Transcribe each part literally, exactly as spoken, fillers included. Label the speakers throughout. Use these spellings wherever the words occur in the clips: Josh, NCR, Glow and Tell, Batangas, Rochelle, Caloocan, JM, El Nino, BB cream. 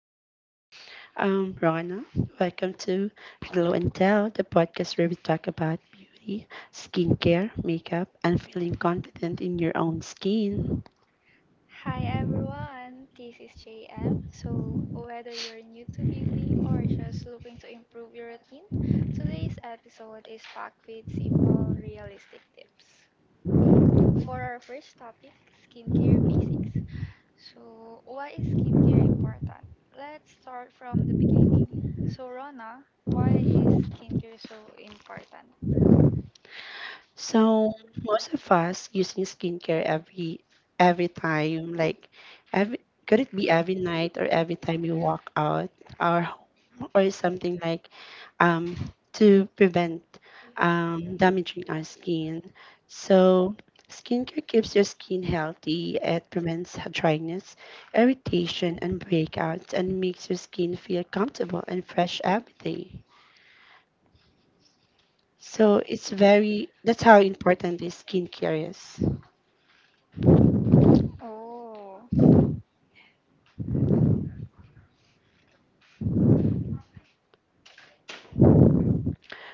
Speaker 1: me, um, Rana. Welcome to Glow and Tell, the podcast where we talk about beauty, skincare, makeup, and feeling confident in your own skin.
Speaker 2: Hi everyone, this is J M. So, whether you're new to beauty or just looking to improve your routine, today's episode is packed with simple, realistic tips. For our first topic, skincare basics. So, why is skincare important? Let's start from the beginning. So, Rona, why is skincare so important?
Speaker 1: So, most of us using skincare every every time, like every, could it be every night or every time we walk out our home or something like um to prevent um, damaging our skin. So, skincare keeps your skin healthy. It prevents h- dryness, irritation, and breakouts, and makes your skin feel comfortable and fresh every day. So it's very that's how important this skincare is.
Speaker 2: Oh.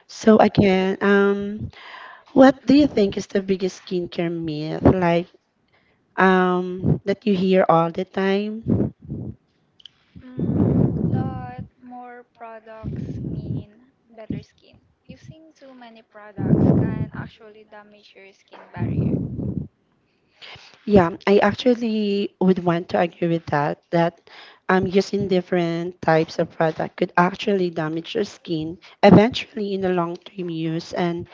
Speaker 1: So again, um, what do you think is the biggest skincare myth, like um, that you hear all the time?
Speaker 2: Mm, that more products mean better skin. Using too many products can actually damage your skin barrier.
Speaker 1: Yeah, I actually would want to agree with that, that um, using different types of product could actually damage your skin eventually in the long term use, and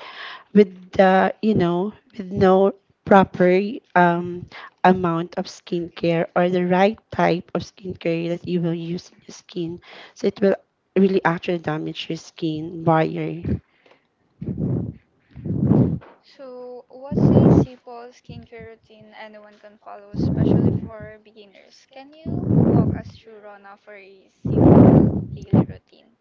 Speaker 1: with the, you know, with no proper um, amount of skincare or the right type of skincare that you will use in your skin. So it will really actually damage your skin barrier.
Speaker 2: So, what's a simple skincare routine anyone can follow, especially for beginners? Can you walk us through, Rona, for a simple daily routine?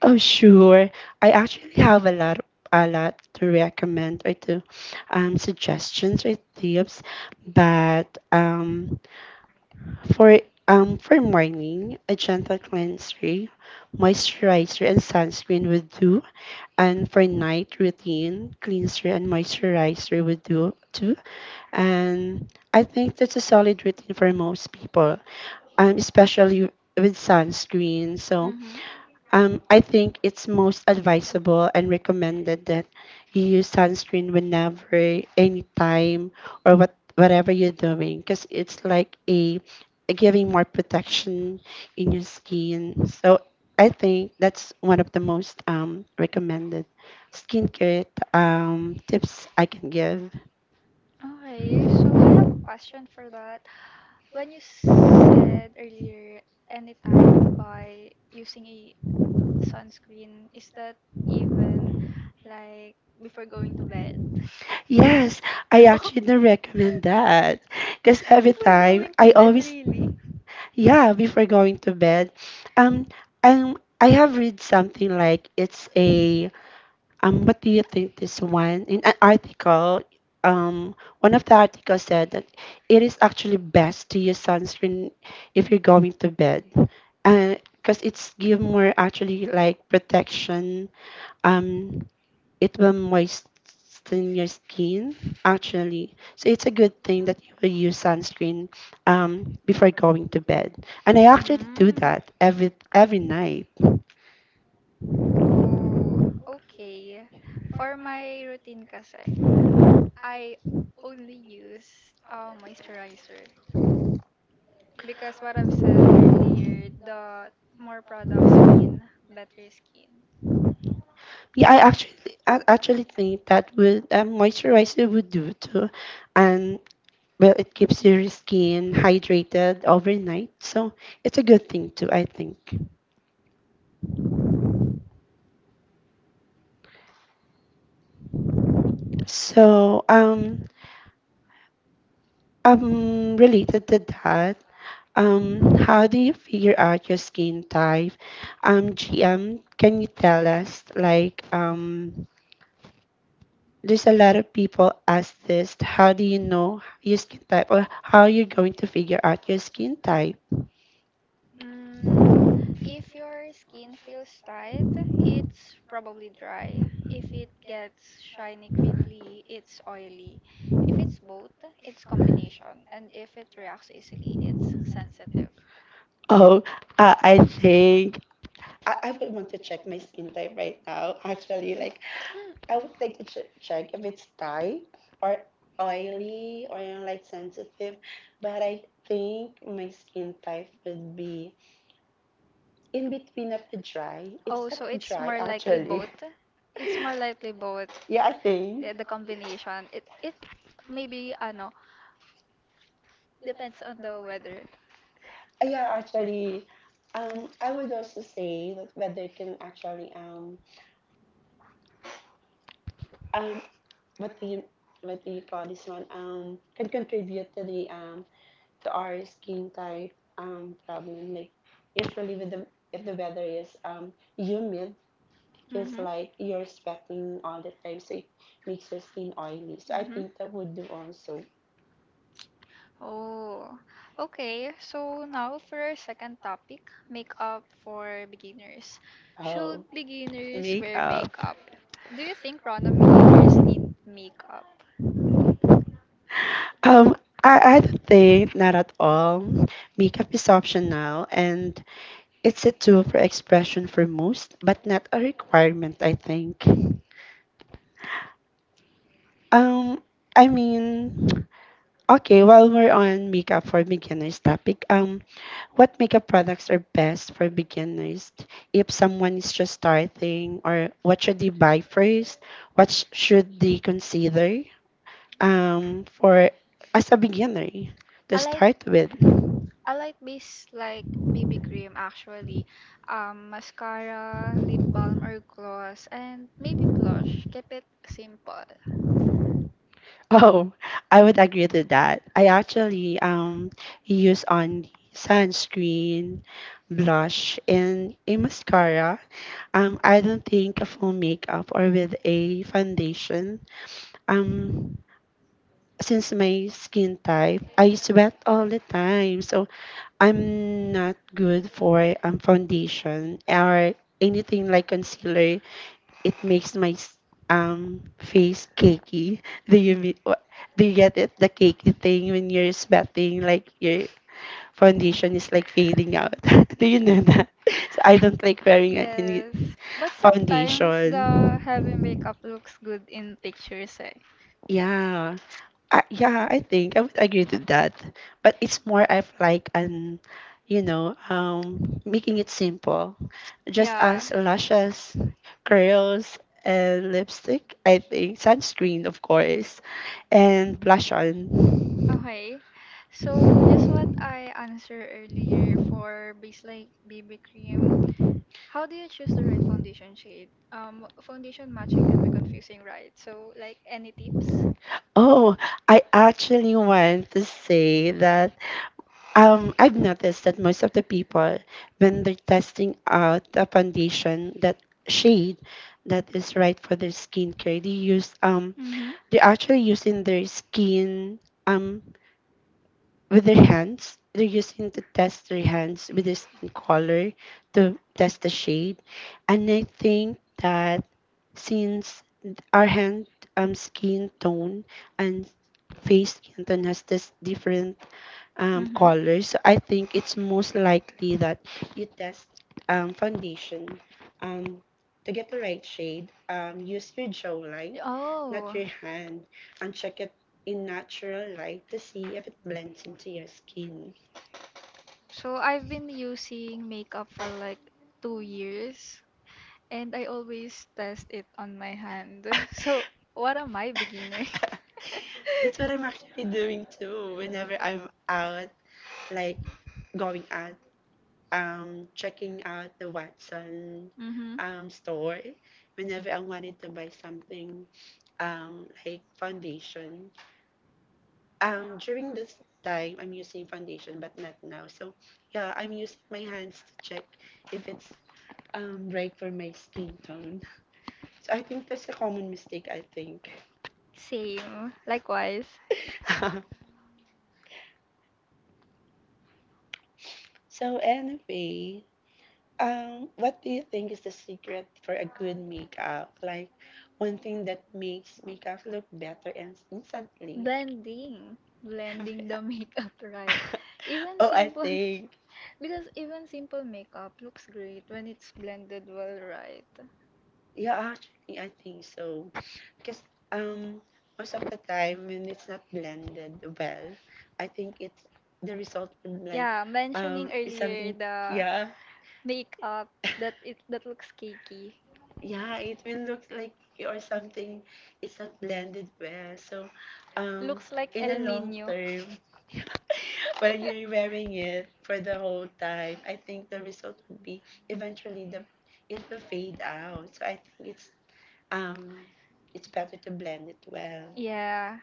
Speaker 1: Oh, sure. I actually have a lot, a lot to recommend, or to um, suggestions or tips. But um, for um, for morning, a gentle cleanser, moisturizer, and sunscreen would do. And for night routine, cleanser and moisturizer would do too. And I think that's a solid routine for most people, um, especially with sunscreen. So um, I think it's most advisable and recommended that you use sunscreen whenever, anytime, or what whatever you're doing, because it's like a, a giving more protection in your skin. So I think that's one of the most um, recommended skincare um, tips I can give.
Speaker 2: Okay, so I have a question for that. When you said earlier, anytime by using a sunscreen, is that even like before going to bed?
Speaker 1: Yes, I actually do recommend that. Because every time, I always,
Speaker 2: Really?
Speaker 1: yeah, before going to bed, um, um, I have read something like it's a, um, what do you think this one? In an article, um, one of the articles said that it is actually best to use sunscreen if you're going to bed. Because it's give more actually like protection, um it will moisten your skin actually, so it's a good thing that you will use sunscreen um, before going to bed, and I actually do that every every night.
Speaker 2: Oh, okay. For my routine kasi, I only use uh, moisturizer, because what I've said earlier, the more products mean better skin.
Speaker 1: Yeah, i actually I actually think that would um, moisturizer would do too, and well, it keeps your skin hydrated overnight, so it's a good thing too, I think. So um um related to that, um, how do you figure out your skin type? Um, G M, can you tell us? Like, um, there's a lot of people ask this. How do you know your skin type, or how you're going to figure out your skin type?
Speaker 2: Mm, If your skin feels tight, it's probably dry. If it gets shiny quickly, it's oily. If it's both, it's combination. And if it reacts easily, it's sensitive.
Speaker 1: Oh, uh, I think I, I would want to check my skin type right now. Actually, like, I would like to ch- check if it's tight or oily or you know, like sensitive, but I think my skin type would be in between of the dry. It's
Speaker 2: Oh,
Speaker 1: not
Speaker 2: so
Speaker 1: a
Speaker 2: it's
Speaker 1: dry
Speaker 2: more likely
Speaker 1: actually.
Speaker 2: both. It's more likely both.
Speaker 1: Yeah, I think.
Speaker 2: Yeah, the
Speaker 1: Uh,
Speaker 2: combination. It it maybe ano depends on the weather.
Speaker 1: Yeah, actually, um, I would also say that weather can actually um um what do you, what do you call this one, um can contribute to the um to our skin type um problem, like usually with the, if the weather is um humid, just
Speaker 2: Mhm.
Speaker 1: like you're sweating all the time, so it makes your skin oily, so I
Speaker 2: Mhm.
Speaker 1: think that would do also.
Speaker 2: Oh, okay. So now for our second topic, makeup for beginners. Should
Speaker 1: Oh,
Speaker 2: beginners wear
Speaker 1: makeup.
Speaker 2: makeup. makeup? Do you think, Rona, beginners need makeup?
Speaker 1: Um, I, I don't think not at all. Makeup is optional and it's a tool for expression for most, but not a requirement, I think. Um, I mean, okay, while we're on makeup for beginners topic, um, what makeup products are best for beginners? If someone is just starting, or what should they buy first? What sh- should they consider? Um for As a beginner to
Speaker 2: I like
Speaker 1: start with.
Speaker 2: I like base like B B cream actually, um, mascara, lip balm or gloss, and maybe blush. Keep it simple.
Speaker 1: Oh, I would agree to that. I actually um use on the sunscreen, blush, and a mascara. Um, I don't think a full makeup or with a foundation. Um, since my skin type, I sweat all the time, so I'm not good for um foundation or anything like concealer, it makes my s- um face cakey. Do you mean, wha- do you get it? The cakey thing when you're sweating, like your foundation is like fading out. Do you know that? So I don't like wearing a- any
Speaker 2: Yes, but sometimes
Speaker 1: foundation.
Speaker 2: the heavy makeup looks good in pictures eh.
Speaker 1: Yeah, uh, yeah, I think I would agree to that. But it's more of like an, you know, um, making it simple. Just
Speaker 2: Yeah.
Speaker 1: as lashes, curls, and lipstick, I think. Sunscreen, of course, and blush on.
Speaker 2: Okay. So just what I answered earlier for base like B B cream, how do you choose the right foundation shade? Um, foundation matching can be confusing, right? So like any tips?
Speaker 1: Oh, I actually want to say that, um, I've noticed that most of the people, when they're testing out a foundation, that shade that is right for their skincare, they use um
Speaker 2: Mm-hmm.
Speaker 1: they're actually using their skin um with their hands. They're using to test their hands with their skin color to test the shade, and I think that since our hand um skin tone and face skin tone has this different um,
Speaker 2: Mm-hmm.
Speaker 1: colors, so I think it's most likely that you test um, foundation um, to get the right shade. Um, use your jawline, not
Speaker 2: Oh.
Speaker 1: your hand, and check it in natural light to see if it blends into your skin.
Speaker 2: So I've been using makeup for like two years and I always test it on my hand. So what am I, beginner?
Speaker 1: That's what I'm actually doing too whenever I'm out, like going out. Um, checking out the Watson
Speaker 2: Mm-hmm.
Speaker 1: um, store whenever I wanted to buy something, um, like foundation. Um, during this time, I'm using foundation, but not now. So, yeah, I'm using my hands to check if it's, um, right for my skin tone. So, I think that's a common mistake, I think.
Speaker 2: Same. Likewise.
Speaker 1: So, anyway, um, what do you think is the secret for a good makeup? Like one thing that makes makeup look better and instantly.
Speaker 2: Blending. Blending the makeup right. Even
Speaker 1: Oh, I
Speaker 2: simple
Speaker 1: think.
Speaker 2: because even simple makeup looks great when it's blended well, right?
Speaker 1: Yeah, actually, I think so. Because, um, most of the time, when it's not blended well, I think it's the result would like,
Speaker 2: Yeah, um mentioning
Speaker 1: um, it's
Speaker 2: earlier
Speaker 1: something.
Speaker 2: something,
Speaker 1: Yeah,
Speaker 2: the makeup that it that looks cakey.
Speaker 1: yeah, it will look like or something. It's not blended well. So, um,
Speaker 2: Looks like
Speaker 1: in
Speaker 2: El
Speaker 1: a long
Speaker 2: Nino.
Speaker 1: term, when you're wearing it for the whole time, I think the result would be eventually the it will fade out. So I think it's um it's better to blend it well.
Speaker 2: Yeah.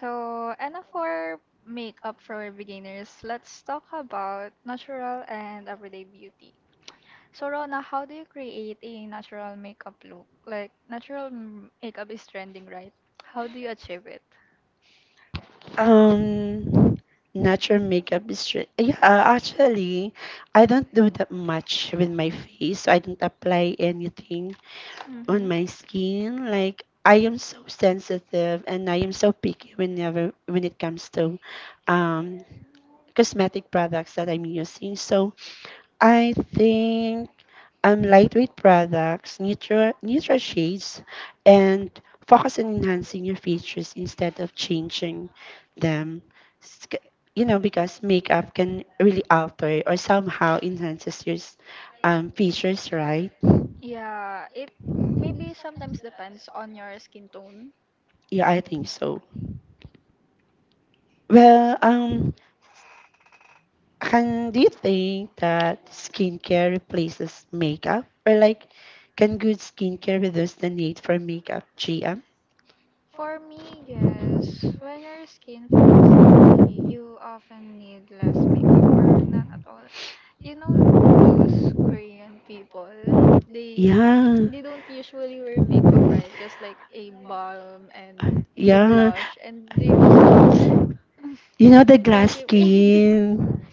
Speaker 2: So, and for makeup for beginners, let's talk about natural and everyday beauty. So, Rona, how do you create a natural makeup look? Like, natural m- makeup is trending, right? How do you achieve it?
Speaker 1: Um, natural makeup is re- yeah. Actually, I don't do that much with my face. So I don't apply anything on my
Speaker 2: Mm-hmm.
Speaker 1: skin. Like I am so sensitive and I am so picky whenever when it comes to um cosmetic products that I'm using. So I think, um, lightweight products, neutral, neutral shades, and focus on enhancing your features instead of changing them. S- c- You know, because makeup can really alter or somehow enhances your s- um, features, right?
Speaker 2: Yeah, it maybe sometimes depends on your skin tone.
Speaker 1: Yeah, I think so. Well, um, can, do you think that skincare replaces makeup, or like, can good skincare reduce the need for makeup, Gia?
Speaker 2: For me, yes. When your skin feels oily, you often need less makeup or none at all. You know those Korean people, they
Speaker 1: Yeah,
Speaker 2: they don't usually wear makeup, right? Just like a balm and a
Speaker 1: yeah.
Speaker 2: blush, and they look so
Speaker 1: You know the glass
Speaker 2: pretty, pretty.
Speaker 1: skin.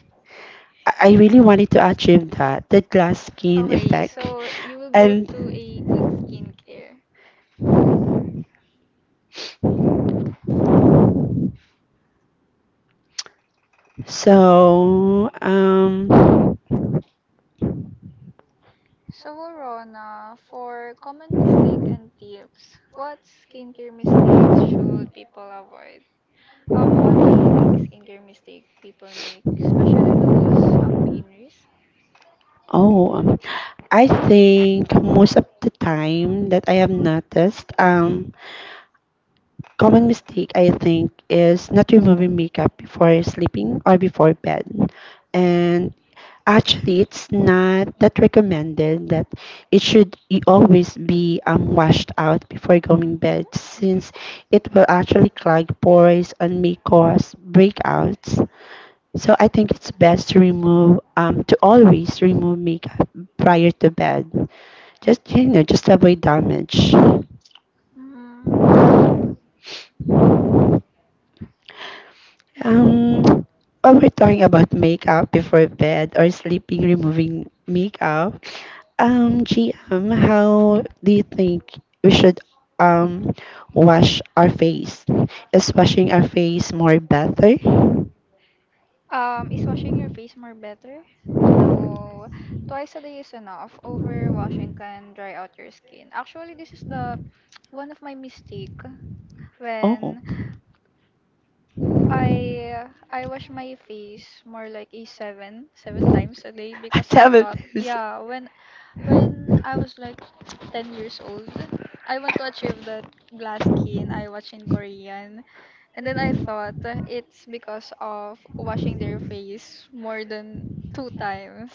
Speaker 1: I I really wanted to achieve that, the glass skin
Speaker 2: Okay,
Speaker 1: effect.
Speaker 2: so you will go to
Speaker 1: And
Speaker 2: a good skincare.
Speaker 1: so, um,
Speaker 2: So, Rona, for common mistake and tips, what skincare mistake should people avoid? Um, what a big skincare mistake people make, especially those um beginners?
Speaker 1: oh, um, I think most of the time that I have noticed, um, common mistake I think is not removing makeup before sleeping or before bed. And actually, it's not that recommended that it should i- always be, um, washed out before going bed, since it will actually clog pores and may cause breakouts. So I think it's best to remove, um, to always remove makeup prior to bed. Just you know, just to avoid damage.
Speaker 2: Hmm.
Speaker 1: Um, when we're talking about makeup before bed or sleeping, removing makeup, um, G M, how do you think we should um wash our face? Is washing our face more better?
Speaker 2: Um, is washing your face more better? No, twice a day is enough. Overwashing can dry out your skin. Actually, this is the one of my mistake,
Speaker 1: Oh,
Speaker 2: when I I wash my face more like a seven seven times a day because I Seven.
Speaker 1: seven
Speaker 2: thought,
Speaker 1: times.
Speaker 2: yeah, when when I was like ten years old, I want to achieve that glass skin I watch in Korean, and then I thought, uh, it's because of washing their face more than two times.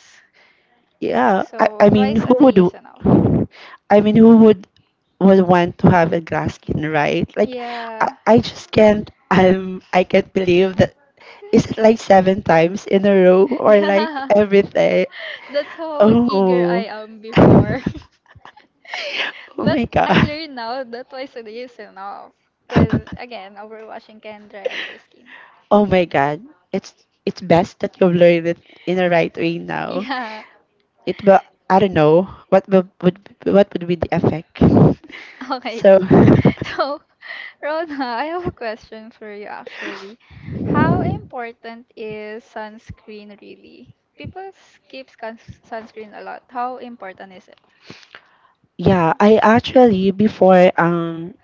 Speaker 2: Yeah,
Speaker 1: Yeah, I,
Speaker 2: so
Speaker 1: I
Speaker 2: I- I
Speaker 1: mean,
Speaker 2: twice
Speaker 1: who
Speaker 2: mean, a day
Speaker 1: would,
Speaker 2: is enough.
Speaker 1: w- I mean, who would, would want to have a glass skin, right? Like, I,
Speaker 2: Yeah,
Speaker 1: I just can't. I'm I can't believe that. Is it like seven times in a row or like
Speaker 2: yeah,
Speaker 1: every day?
Speaker 2: that's how
Speaker 1: Oh,
Speaker 2: eager I am
Speaker 1: oh
Speaker 2: before. Oh. But
Speaker 1: my
Speaker 2: my
Speaker 1: God.
Speaker 2: I God learned now that twice a day is enough. Because again, overwashing can dry out your skin.
Speaker 1: Oh my God. It's it's best that you've learned it in the right way now.
Speaker 2: Yeah,
Speaker 1: It will, I don't know what will, would what would be the effect.
Speaker 2: okay.
Speaker 1: So
Speaker 2: So, Rona, I have a question for you actually. How important is sunscreen really? People skip suns- sunscreen a lot. How important is it?
Speaker 1: yeah, I actually before um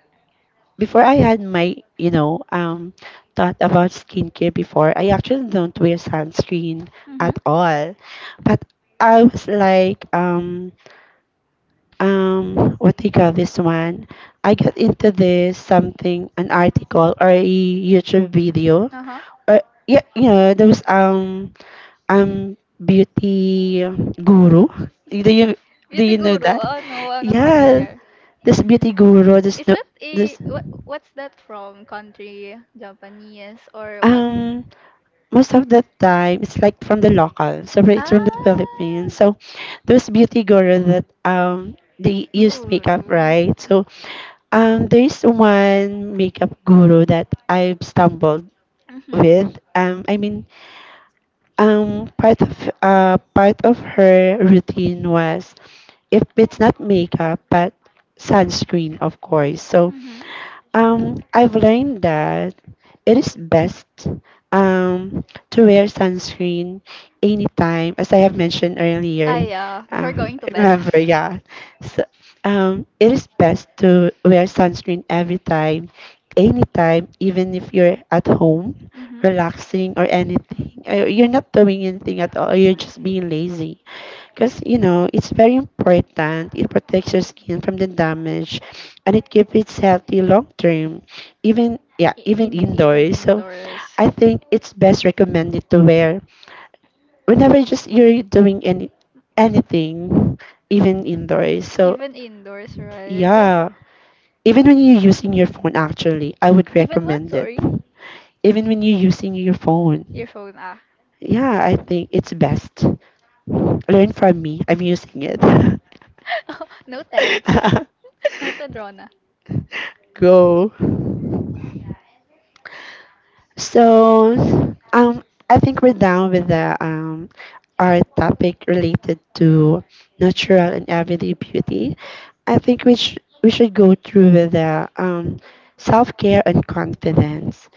Speaker 1: before I had my you know um thought about skincare. Before, I actually don't wear sunscreen
Speaker 2: Mm-hmm.
Speaker 1: at all, but I was like um um what do you call this one? I got into this, something, an article or a YouTube video,
Speaker 2: Uh-huh.
Speaker 1: or yeah, you know those um um beauty guru. do you do
Speaker 2: Beauty
Speaker 1: you know
Speaker 2: guru.
Speaker 1: that?
Speaker 2: Oh no, I'm not
Speaker 1: Yeah,
Speaker 2: familiar.
Speaker 1: this beauty guru, this,
Speaker 2: Is
Speaker 1: no,
Speaker 2: that a
Speaker 1: this
Speaker 2: what? What's that from? Country, Japanese, or what?
Speaker 1: um most of the time it's like from the local, so right, it's from
Speaker 2: Ah,
Speaker 1: the Philippines, so those beauty guru that um they use
Speaker 2: guru.
Speaker 1: makeup, right? So um there's one makeup guru that I've stumbled
Speaker 2: Mhm.
Speaker 1: with, um I mean, um part of uh part of her routine was if it's not makeup, but sunscreen, of course. So
Speaker 2: Mhm.
Speaker 1: um I've learned that it is best, um, to wear sunscreen anytime, as I have mentioned
Speaker 2: Ah,
Speaker 1: earlier.
Speaker 2: yeah. We're
Speaker 1: Uh,
Speaker 2: going to bed.
Speaker 1: remember, yeah. So, um, it is best to wear sunscreen every time, anytime, even if you're at home,
Speaker 2: Mhm.
Speaker 1: relaxing or anything. Uh, You're not doing anything at all. You're just being lazy because you know it's very important. It protects your skin from the damage and it keeps it healthy long term, even, yeah,
Speaker 2: I-
Speaker 1: even
Speaker 2: In even
Speaker 1: indoors. So
Speaker 2: indoors.
Speaker 1: I think it's best recommended to wear whenever, just you're doing any anything, even indoors. So
Speaker 2: Even indoors, right?
Speaker 1: yeah, even when you're using your phone, actually I would
Speaker 2: Even what?
Speaker 1: recommend it.
Speaker 2: Sorry,
Speaker 1: Even when you're using your phone,
Speaker 2: your phone. Ah,
Speaker 1: yeah, I think it's best. Learn from me, I'm using it.
Speaker 2: noted. Noted, Rona.
Speaker 1: Go. So, um, I think we're done with the um, our topic related to natural and everyday beauty. I think we sh- we should go through with the um, self care and confidence.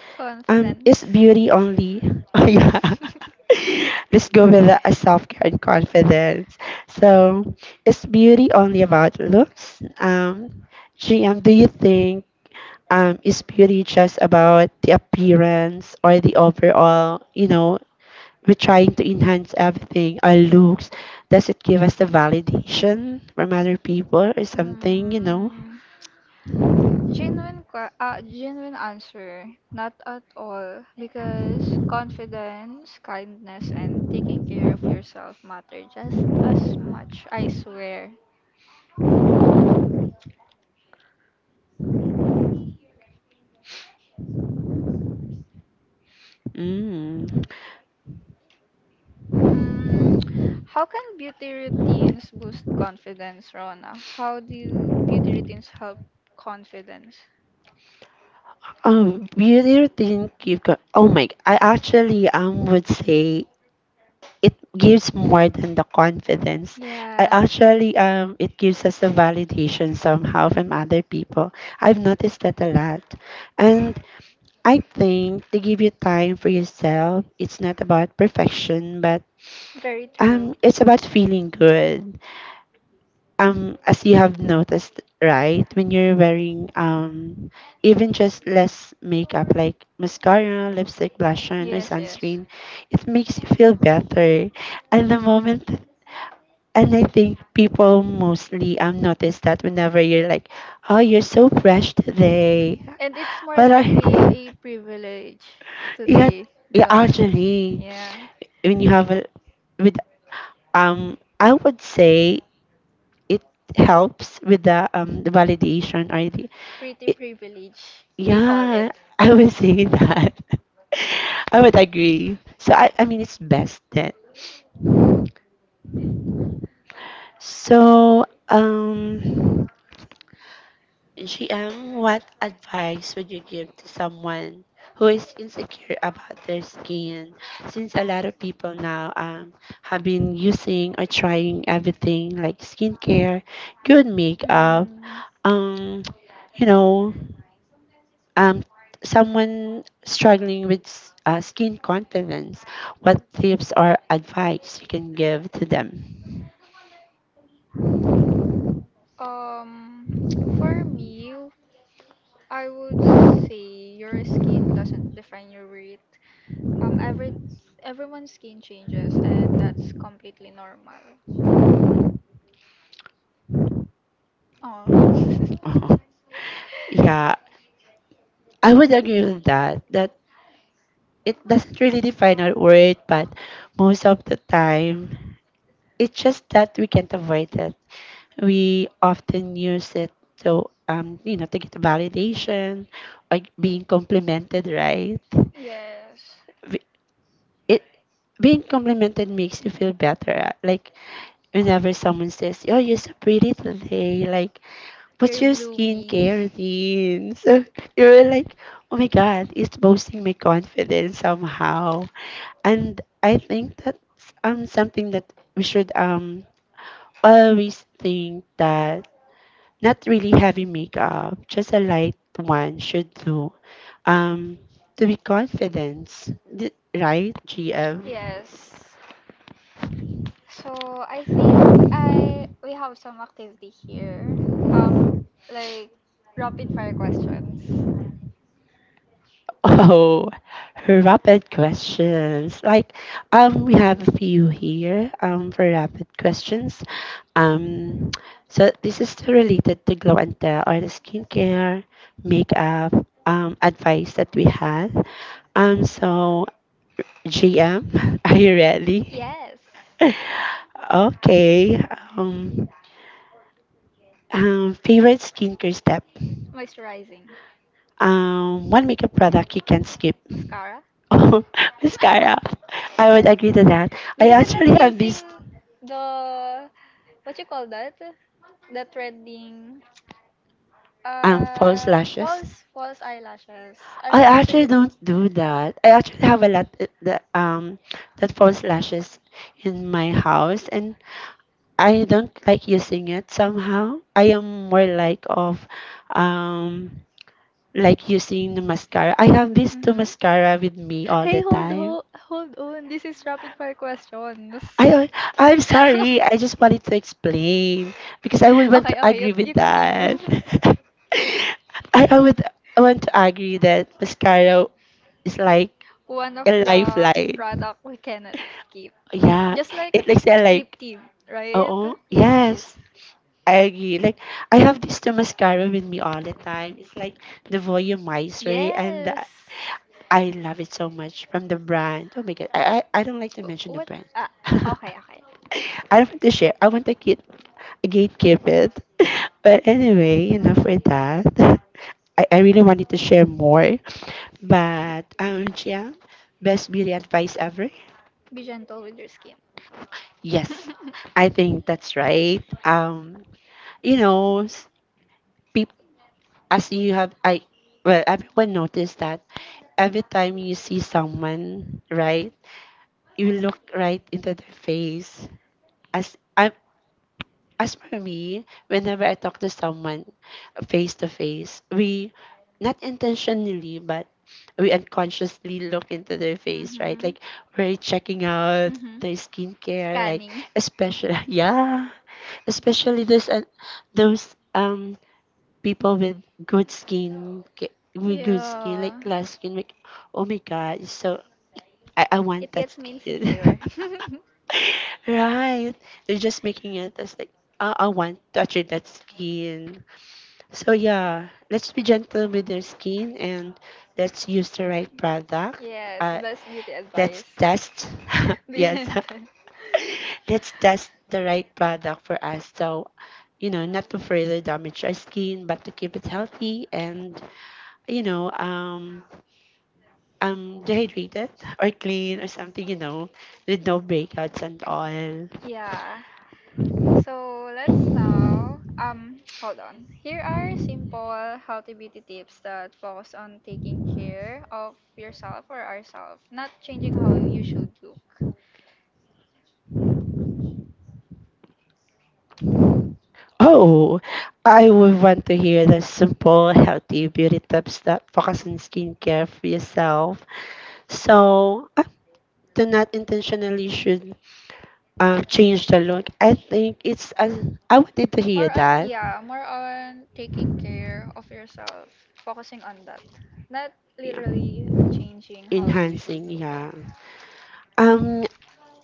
Speaker 1: Um, is
Speaker 2: Confidence.
Speaker 1: beauty only? Oh yeah. Let's go with the uh, self care and confidence. So, is beauty only about looks? Um, G M, do you think? Um, is beauty just about the appearance or the overall, you know, we're trying to enhance everything, our looks. Does it give us the validation from other people or something, you know?
Speaker 2: Mm, genuine, que- uh, genuine answer. Not at all. Because confidence, kindness, and taking care of yourself matter just as much, I swear.
Speaker 1: Mm.
Speaker 2: Mm, how can beauty routines boost confidence, Rona? How do beauty routines help confidence?
Speaker 1: Um, beauty routine give co- oh my g- I actually um would say it gives more than the confidence. I
Speaker 2: Yeah,
Speaker 1: actually um it gives us the validation somehow from other people. I've noticed that a lot. And I think they give you time for yourself. It's not about perfection, but
Speaker 2: very true.
Speaker 1: um, it's about feeling good. Um, as you have noticed, right? When you're wearing um, even just less makeup like mascara, lipstick, blush on, or
Speaker 2: Yes, yes.
Speaker 1: sunscreen, it makes you feel better. And the moment, and I think people mostly um notice that whenever you're like, oh, you're so fresh today.
Speaker 2: And it's more
Speaker 1: What
Speaker 2: likely
Speaker 1: are,
Speaker 2: a privilege
Speaker 1: yeah.
Speaker 2: today, di
Speaker 1: Yeah,
Speaker 2: ba?
Speaker 1: actually,
Speaker 2: Yeah,
Speaker 1: when you have a, with, um, I would say it helps with the um the validation or the,
Speaker 2: pretty
Speaker 1: it,
Speaker 2: privilege, they call it.
Speaker 1: yeah, I would say that. I would agree. So, I, I mean it's best that. So um G M, what advice would you give to someone who is insecure about their skin? Since a lot of people now, um, have been using or trying everything like skincare, good makeup,
Speaker 2: Mm.
Speaker 1: um, you know, um, someone struggling with s- uh, skin confidence, what tips or advice you can give to them?
Speaker 2: Um, for me, I would say your skin doesn't define your weight. Um, every everyone's skin changes, and that's completely normal. Oh,
Speaker 1: Yeah, I would agree with that. That it doesn't really define our worth, but most of the time, it's just that we can't avoid it. We often use it to, um, you know, to get validation, like being complimented, right?
Speaker 2: yes,
Speaker 1: We- It, being complimented makes you feel better. Like whenever someone says, "Oh, you're so pretty today," like
Speaker 2: you're
Speaker 1: what's your
Speaker 2: blooming.
Speaker 1: skincare routine? So you were like, oh my God, it's boosting my confidence somehow. And I think that's, um, something that we should, um, always think that not really heavy makeup, just a light one should do, um, to be confident, right, G M?
Speaker 2: Yes. So I think I we have some activity here. Um, like rapid fire questions.
Speaker 1: Oh, rapid questions. Like, um, we have a few here. Um, for rapid questions. Um, so this is still related to glow and tell or the skincare, makeup, um, advice that we had. Um, so G M, are you ready?
Speaker 2: Yes.
Speaker 1: Okay. Um, um, Favorite skincare step.
Speaker 2: Moisturizing
Speaker 1: Um, one makeup product you can't skip.
Speaker 2: mascara
Speaker 1: Oh, mascara. I would agree to that. I
Speaker 2: because I'm not
Speaker 1: actually have
Speaker 2: using
Speaker 1: these
Speaker 2: the what you call that, the threading,
Speaker 1: um false
Speaker 2: uh
Speaker 1: lashes.
Speaker 2: false false eyelashes. I'm
Speaker 1: I
Speaker 2: not using
Speaker 1: actually
Speaker 2: it.
Speaker 1: don't do that. I actually have a lot, uh, the um that false lashes in my house, and I don't like using it somehow. I am more like of um like using the mascara. I have these two
Speaker 2: Mm-hmm.
Speaker 1: mascara with me all
Speaker 2: Hey,
Speaker 1: the
Speaker 2: hold
Speaker 1: time.
Speaker 2: ho hold on. This is rapid fire questions.
Speaker 1: I
Speaker 2: I,
Speaker 1: don't- I'm
Speaker 2: I'm sorry, I mean, because
Speaker 1: sorry. I
Speaker 2: I
Speaker 1: just wanted to
Speaker 2: really
Speaker 1: explain because I would want to
Speaker 2: Okay, okay, you
Speaker 1: agree
Speaker 2: agree you
Speaker 1: with
Speaker 2: with that, continue.
Speaker 1: that. I, I would I want to agree that mascara is like
Speaker 2: One of the
Speaker 1: a
Speaker 2: light the light.
Speaker 1: lifeline.
Speaker 2: product we cannot skip. Yeah.
Speaker 1: Yeah,
Speaker 2: Just like
Speaker 1: it
Speaker 2: it's
Speaker 1: is a
Speaker 2: excellent. Lip
Speaker 1: like.
Speaker 2: tint, right? Oh,
Speaker 1: Oh,
Speaker 2: lip, yeah, is.
Speaker 1: yes, I agree. Like, I have this two mascara with me all the time. It's like the
Speaker 2: The Lippies.
Speaker 1: Volumizer, and the,
Speaker 2: Yes.
Speaker 1: I love it so much from the brand. Oh my God, I, I, I don't like to
Speaker 2: Wh-
Speaker 1: mention the
Speaker 2: What?
Speaker 1: brand.
Speaker 2: brand? Ah, okay, okay.
Speaker 1: I don't want to share. I want to keep, gatekeep it. But anyway, enough with that. I, I really wanted to share more. But um yeah, best beauty advice ever.
Speaker 2: Be gentle with your skin.
Speaker 1: Yes, I think that's right. Um, you know, People, as you have, I, well everyone noticed that every time you see someone, right, you look right into their face. As I as for me, whenever I talk to someone face to face, we not intentionally, but we
Speaker 2: Yes.
Speaker 1: unconsciously look into their face, right?
Speaker 2: Mm-hmm.
Speaker 1: Like we're checking out
Speaker 2: Mm-hmm.
Speaker 1: their skincare,
Speaker 2: Scanning.
Speaker 1: like
Speaker 2: Mm-hmm,
Speaker 1: especially, yeah, especially those, uh, those um people with good skin, ca- with good skin
Speaker 2: yeah.
Speaker 1: like glass skin, like oh my god, it's so, I, I want
Speaker 2: It
Speaker 1: that
Speaker 2: gets me like
Speaker 1: skin.
Speaker 2: insecure.
Speaker 1: Right. They're just making it as like, I, I want to achieve that skin. So yeah, let's be gentle with their skin and let's use the right product.
Speaker 2: Yes,
Speaker 1: Uh,
Speaker 2: best beauty
Speaker 1: let's
Speaker 2: advice.
Speaker 1: test.
Speaker 2: That's. Be
Speaker 1: Yes.
Speaker 2: gentle.
Speaker 1: Let's test the right product for us. So, you know, not to further damage our skin, but to keep it healthy and, you know, um, um dehydrated or clean or something, you know, with no breakouts and all.
Speaker 2: Yeah. So let's now um hold on. Here are simple healthy beauty tips that focus on taking care of yourself or ourselves, not changing how you should look.
Speaker 1: Oh, I would want to hear the simple, healthy beauty tips that focus on skincare for yourself. So, uh, do not intentionally should um change the look. I think it's, as I wanted to hear
Speaker 2: More on,
Speaker 1: that.
Speaker 2: yeah, more on taking care of yourself, focusing on that. Not
Speaker 1: Yeah,
Speaker 2: literally changing how you usually
Speaker 1: enhancing.
Speaker 2: look, yeah.
Speaker 1: Yeah. Um,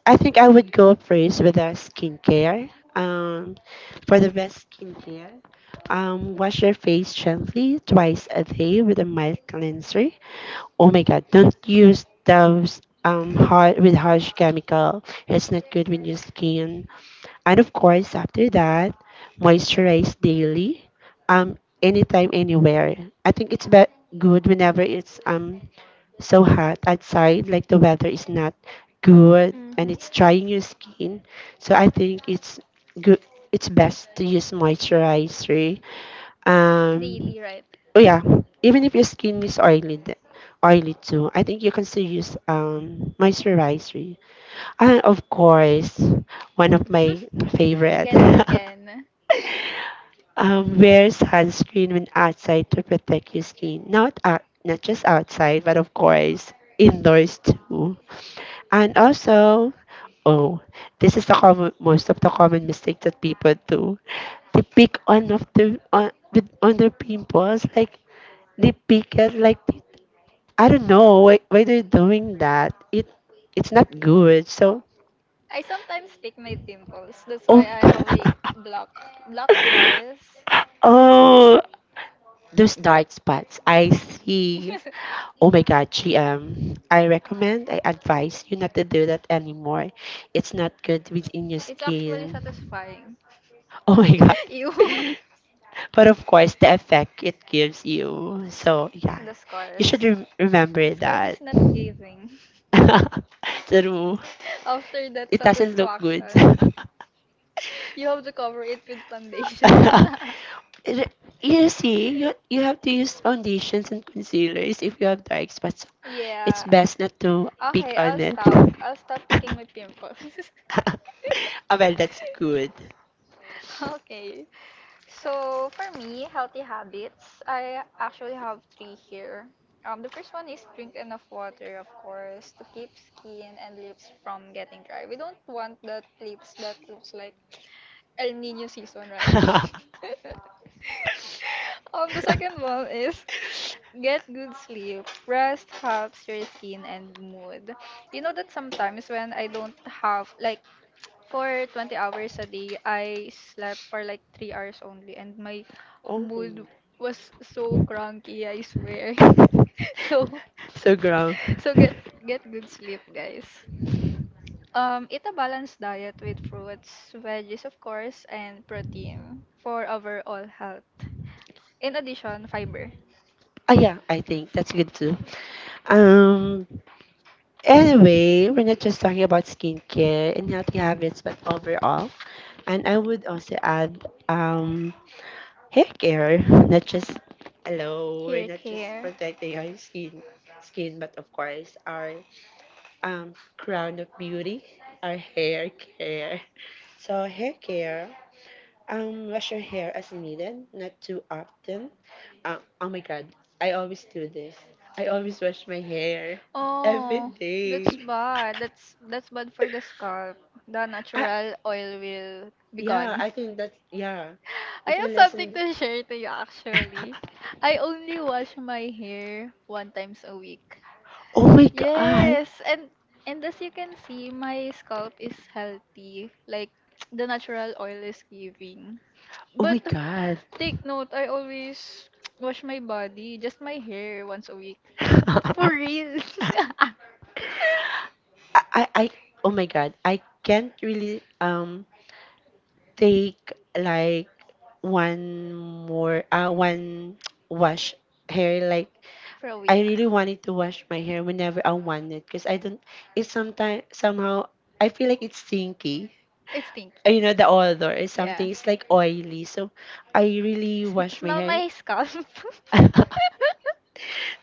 Speaker 1: I think I would go first with the skincare. Um, for the best skincare, um, wash your face gently twice a day with a mild cleanser. Oh my God, don't use those um hard, with harsh chemical. It's not good with your skin. And of course, after that, moisturize daily, um, anytime, anywhere. I think it's be- good whenever it's um so hot outside, like the weather is not good
Speaker 2: Mm-hmm.
Speaker 1: and it's drying your skin. So I think it's good. It's best to use moisturizer. Um,
Speaker 2: Daily, right?
Speaker 1: oh yeah, even if your skin is oily, th- oily too, I think you can still use um moisturizer. And of course, one of my favorite.
Speaker 2: again and again.
Speaker 1: Um, wear sunscreen when outside to protect your skin. Not out, not just outside, but of course indoors too. And also, oh, this is the common, most of the common mistake that people do. They pick on of the on with on their pimples, like they pick it, like I don't know why why they're doing that. It it's not good. So
Speaker 2: I sometimes pick my pimples. That's why
Speaker 1: oh
Speaker 2: I
Speaker 1: my
Speaker 2: have a
Speaker 1: god,
Speaker 2: black, black scars.
Speaker 1: oh, those dark spots I see. Oh my God, G M. I recommend, I advise you not to do that anymore. It's not good within your
Speaker 2: It's actually
Speaker 1: skin.
Speaker 2: satisfying.
Speaker 1: Oh my God.
Speaker 2: Ew.
Speaker 1: But of course, the effect it gives you. So, yeah,
Speaker 2: The
Speaker 1: you
Speaker 2: scars.
Speaker 1: should rem-
Speaker 2: The
Speaker 1: remember
Speaker 2: scars is
Speaker 1: that.
Speaker 2: not giving.
Speaker 1: True.
Speaker 2: After that good.
Speaker 1: It doesn't look good.
Speaker 2: Satisfaction, you have to cover it with foundation.
Speaker 1: Re- you see, you, you have to use foundations and concealers if you have dark spots. So
Speaker 2: It's
Speaker 1: it's
Speaker 2: yeah.
Speaker 1: best
Speaker 2: Best to
Speaker 1: not
Speaker 2: keep
Speaker 1: to
Speaker 2: it
Speaker 1: pick
Speaker 2: okay, I'll
Speaker 1: on
Speaker 2: hidden.
Speaker 1: it.
Speaker 2: Stop. I'll stop picking
Speaker 1: Ah,
Speaker 2: my pimples.
Speaker 1: well, that's good.
Speaker 2: Okay. So for me, healthy habits, I actually have three here. Um, the first one is drink enough water, of course, to keep skin and lips from getting dry. We don't want that lips that looks like El Nino season, right? um, the second one is get good sleep. Rest helps your skin and mood. You know that sometimes when I don't have like for twenty hours a day, I slept for like three hours only and my
Speaker 1: Oh,
Speaker 2: mood was so cranky, I swear. So,
Speaker 1: so ground.
Speaker 2: so get get good sleep, guys. Um, eat a balanced diet with fruits, veggies of course, and protein for overall health. In addition, fiber.
Speaker 1: Ah, yeah, I think that's good too. Um, Anyway, we're not just talking about skincare and healthy habits, but overall. And I would also add, um, hair care. Not just, hello, we're
Speaker 2: Hair
Speaker 1: not just
Speaker 2: care.
Speaker 1: protecting our skin, skin but of course, our um, crown of beauty, our hair care. So, hair care, um, wash your hair as needed, not too often. Um, oh my god, I always do this. I always wash my hair every
Speaker 2: Oh,
Speaker 1: day.
Speaker 2: that's bad. That's that's bad for the scalp. The
Speaker 1: I,
Speaker 2: natural oil will be
Speaker 1: yeah,
Speaker 2: gone.
Speaker 1: I think that's, yeah,
Speaker 2: I
Speaker 1: it
Speaker 2: have
Speaker 1: will
Speaker 2: something
Speaker 1: lessen.
Speaker 2: to share to you actually. I only wash my hair one times a week.
Speaker 1: Oh my god.
Speaker 2: Yes, and and as you can see, my scalp is healthy. Like the natural oil is giving.
Speaker 1: Oh my
Speaker 2: But oh.
Speaker 1: god.
Speaker 2: Take note, I always wash my body, just my hair once a week. For real.
Speaker 1: I, I, I, oh my god. I can't really um take, like one more uh one wash hair, like
Speaker 2: For a I week.
Speaker 1: I really wanted to wash my hair whenever I wanted, because I don't. It's sometimes, somehow I feel like it's stinky.
Speaker 2: I think.
Speaker 1: Uh, You know, the odor is
Speaker 2: Yeah.
Speaker 1: something. It's like oily. So I really
Speaker 2: Sm-
Speaker 1: wash my
Speaker 2: Smell
Speaker 1: hair.
Speaker 2: my scalp.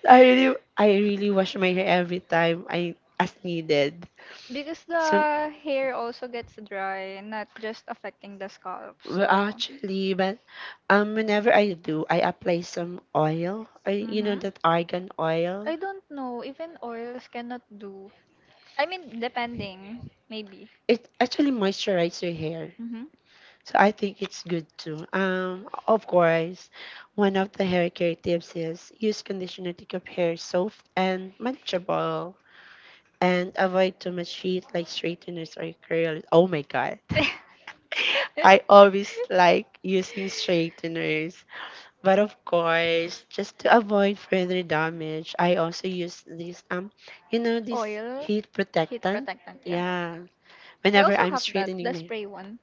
Speaker 1: I really I really wash my hair every time, I as needed.
Speaker 2: Because. So
Speaker 1: So,
Speaker 2: the hair also gets dry, not just affecting the scalp.
Speaker 1: well,
Speaker 2: Well, so,
Speaker 1: actually, but um, whenever I do, I apply some oil or you know that argan
Speaker 2: I
Speaker 1: oil.
Speaker 2: don't know. Even oils cannot do. I mean, depending, maybe.
Speaker 1: It actually moisturizes your hair.
Speaker 2: Mm-hmm.
Speaker 1: So I think it's good too. Um, of course, one of the hair care tips is use conditioner to keep hair soft and manageable, and avoid too much heat like straighteners or curls. Oh my god. I always like using straighteners, but of course, just to avoid further damage, I also use this um, you know, this heat
Speaker 2: protectant,
Speaker 1: protectant. Yeah, whenever I'm straightening my,
Speaker 2: spray one.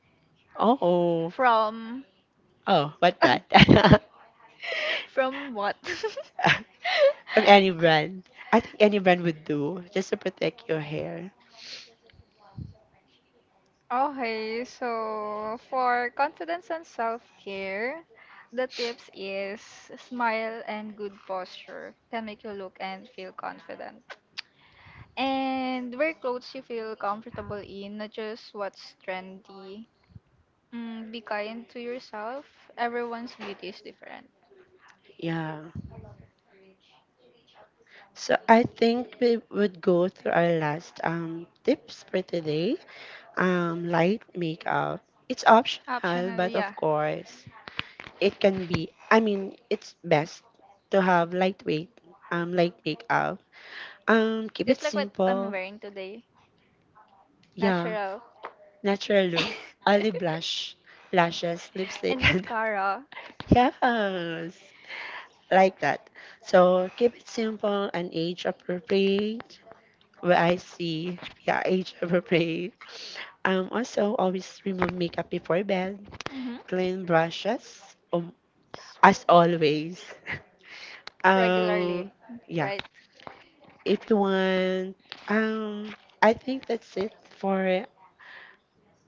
Speaker 1: oh,
Speaker 2: From
Speaker 1: oh, what brand?
Speaker 2: from what? From.
Speaker 1: From any brand. I think any brand would do just to protect your hair.
Speaker 2: Okay, so for confidence and self-care, the tips is smile and good posture can make you look and feel confident. And wear clothes you feel comfortable in, not just what's trendy. Mm, be kind to yourself. Everyone's beauty is different.
Speaker 1: Yeah. So I think we would go through our last um tips for today. Um, light makeup. It's optional,
Speaker 2: Optional,
Speaker 1: but of
Speaker 2: yeah.
Speaker 1: course, it can be. I mean, it's best to have lightweight um light makeup. Um, keep it
Speaker 2: Just like what I'm
Speaker 1: simple.
Speaker 2: wearing today.
Speaker 1: Yeah.
Speaker 2: Natural.
Speaker 1: Natural look, olive blush, lashes, lipstick,
Speaker 2: And
Speaker 1: and
Speaker 2: mascara.
Speaker 1: yes, like that. So keep it simple and age appropriate. Where I see, yeah, age appropriate. Um, also always remove makeup before bed.
Speaker 2: Mm-hmm.
Speaker 1: Clean brushes, um, as always.
Speaker 2: Regularly,
Speaker 1: Um, yeah.
Speaker 2: right?
Speaker 1: If you want, um, I think that's it for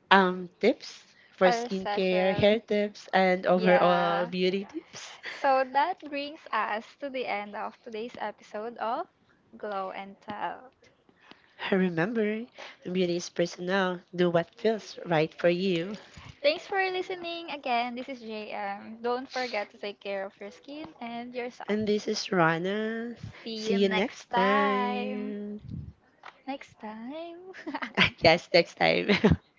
Speaker 1: um tips for
Speaker 2: Our
Speaker 1: skincare, hair
Speaker 2: session.
Speaker 1: tips, and overall
Speaker 2: Yeah.
Speaker 1: beauty tips.
Speaker 2: So that brings us to the end of today's episode of Glow and Tell.
Speaker 1: Remember, beauty is personal. Do what feels right for you.
Speaker 2: Thanks for listening again. This is J M. Don't forget to take care of your skin and yourself.
Speaker 1: And this is Rana.
Speaker 2: See
Speaker 1: See
Speaker 2: you
Speaker 1: you
Speaker 2: next
Speaker 1: next
Speaker 2: time.
Speaker 1: time.
Speaker 2: Next time.
Speaker 1: Yes, next time.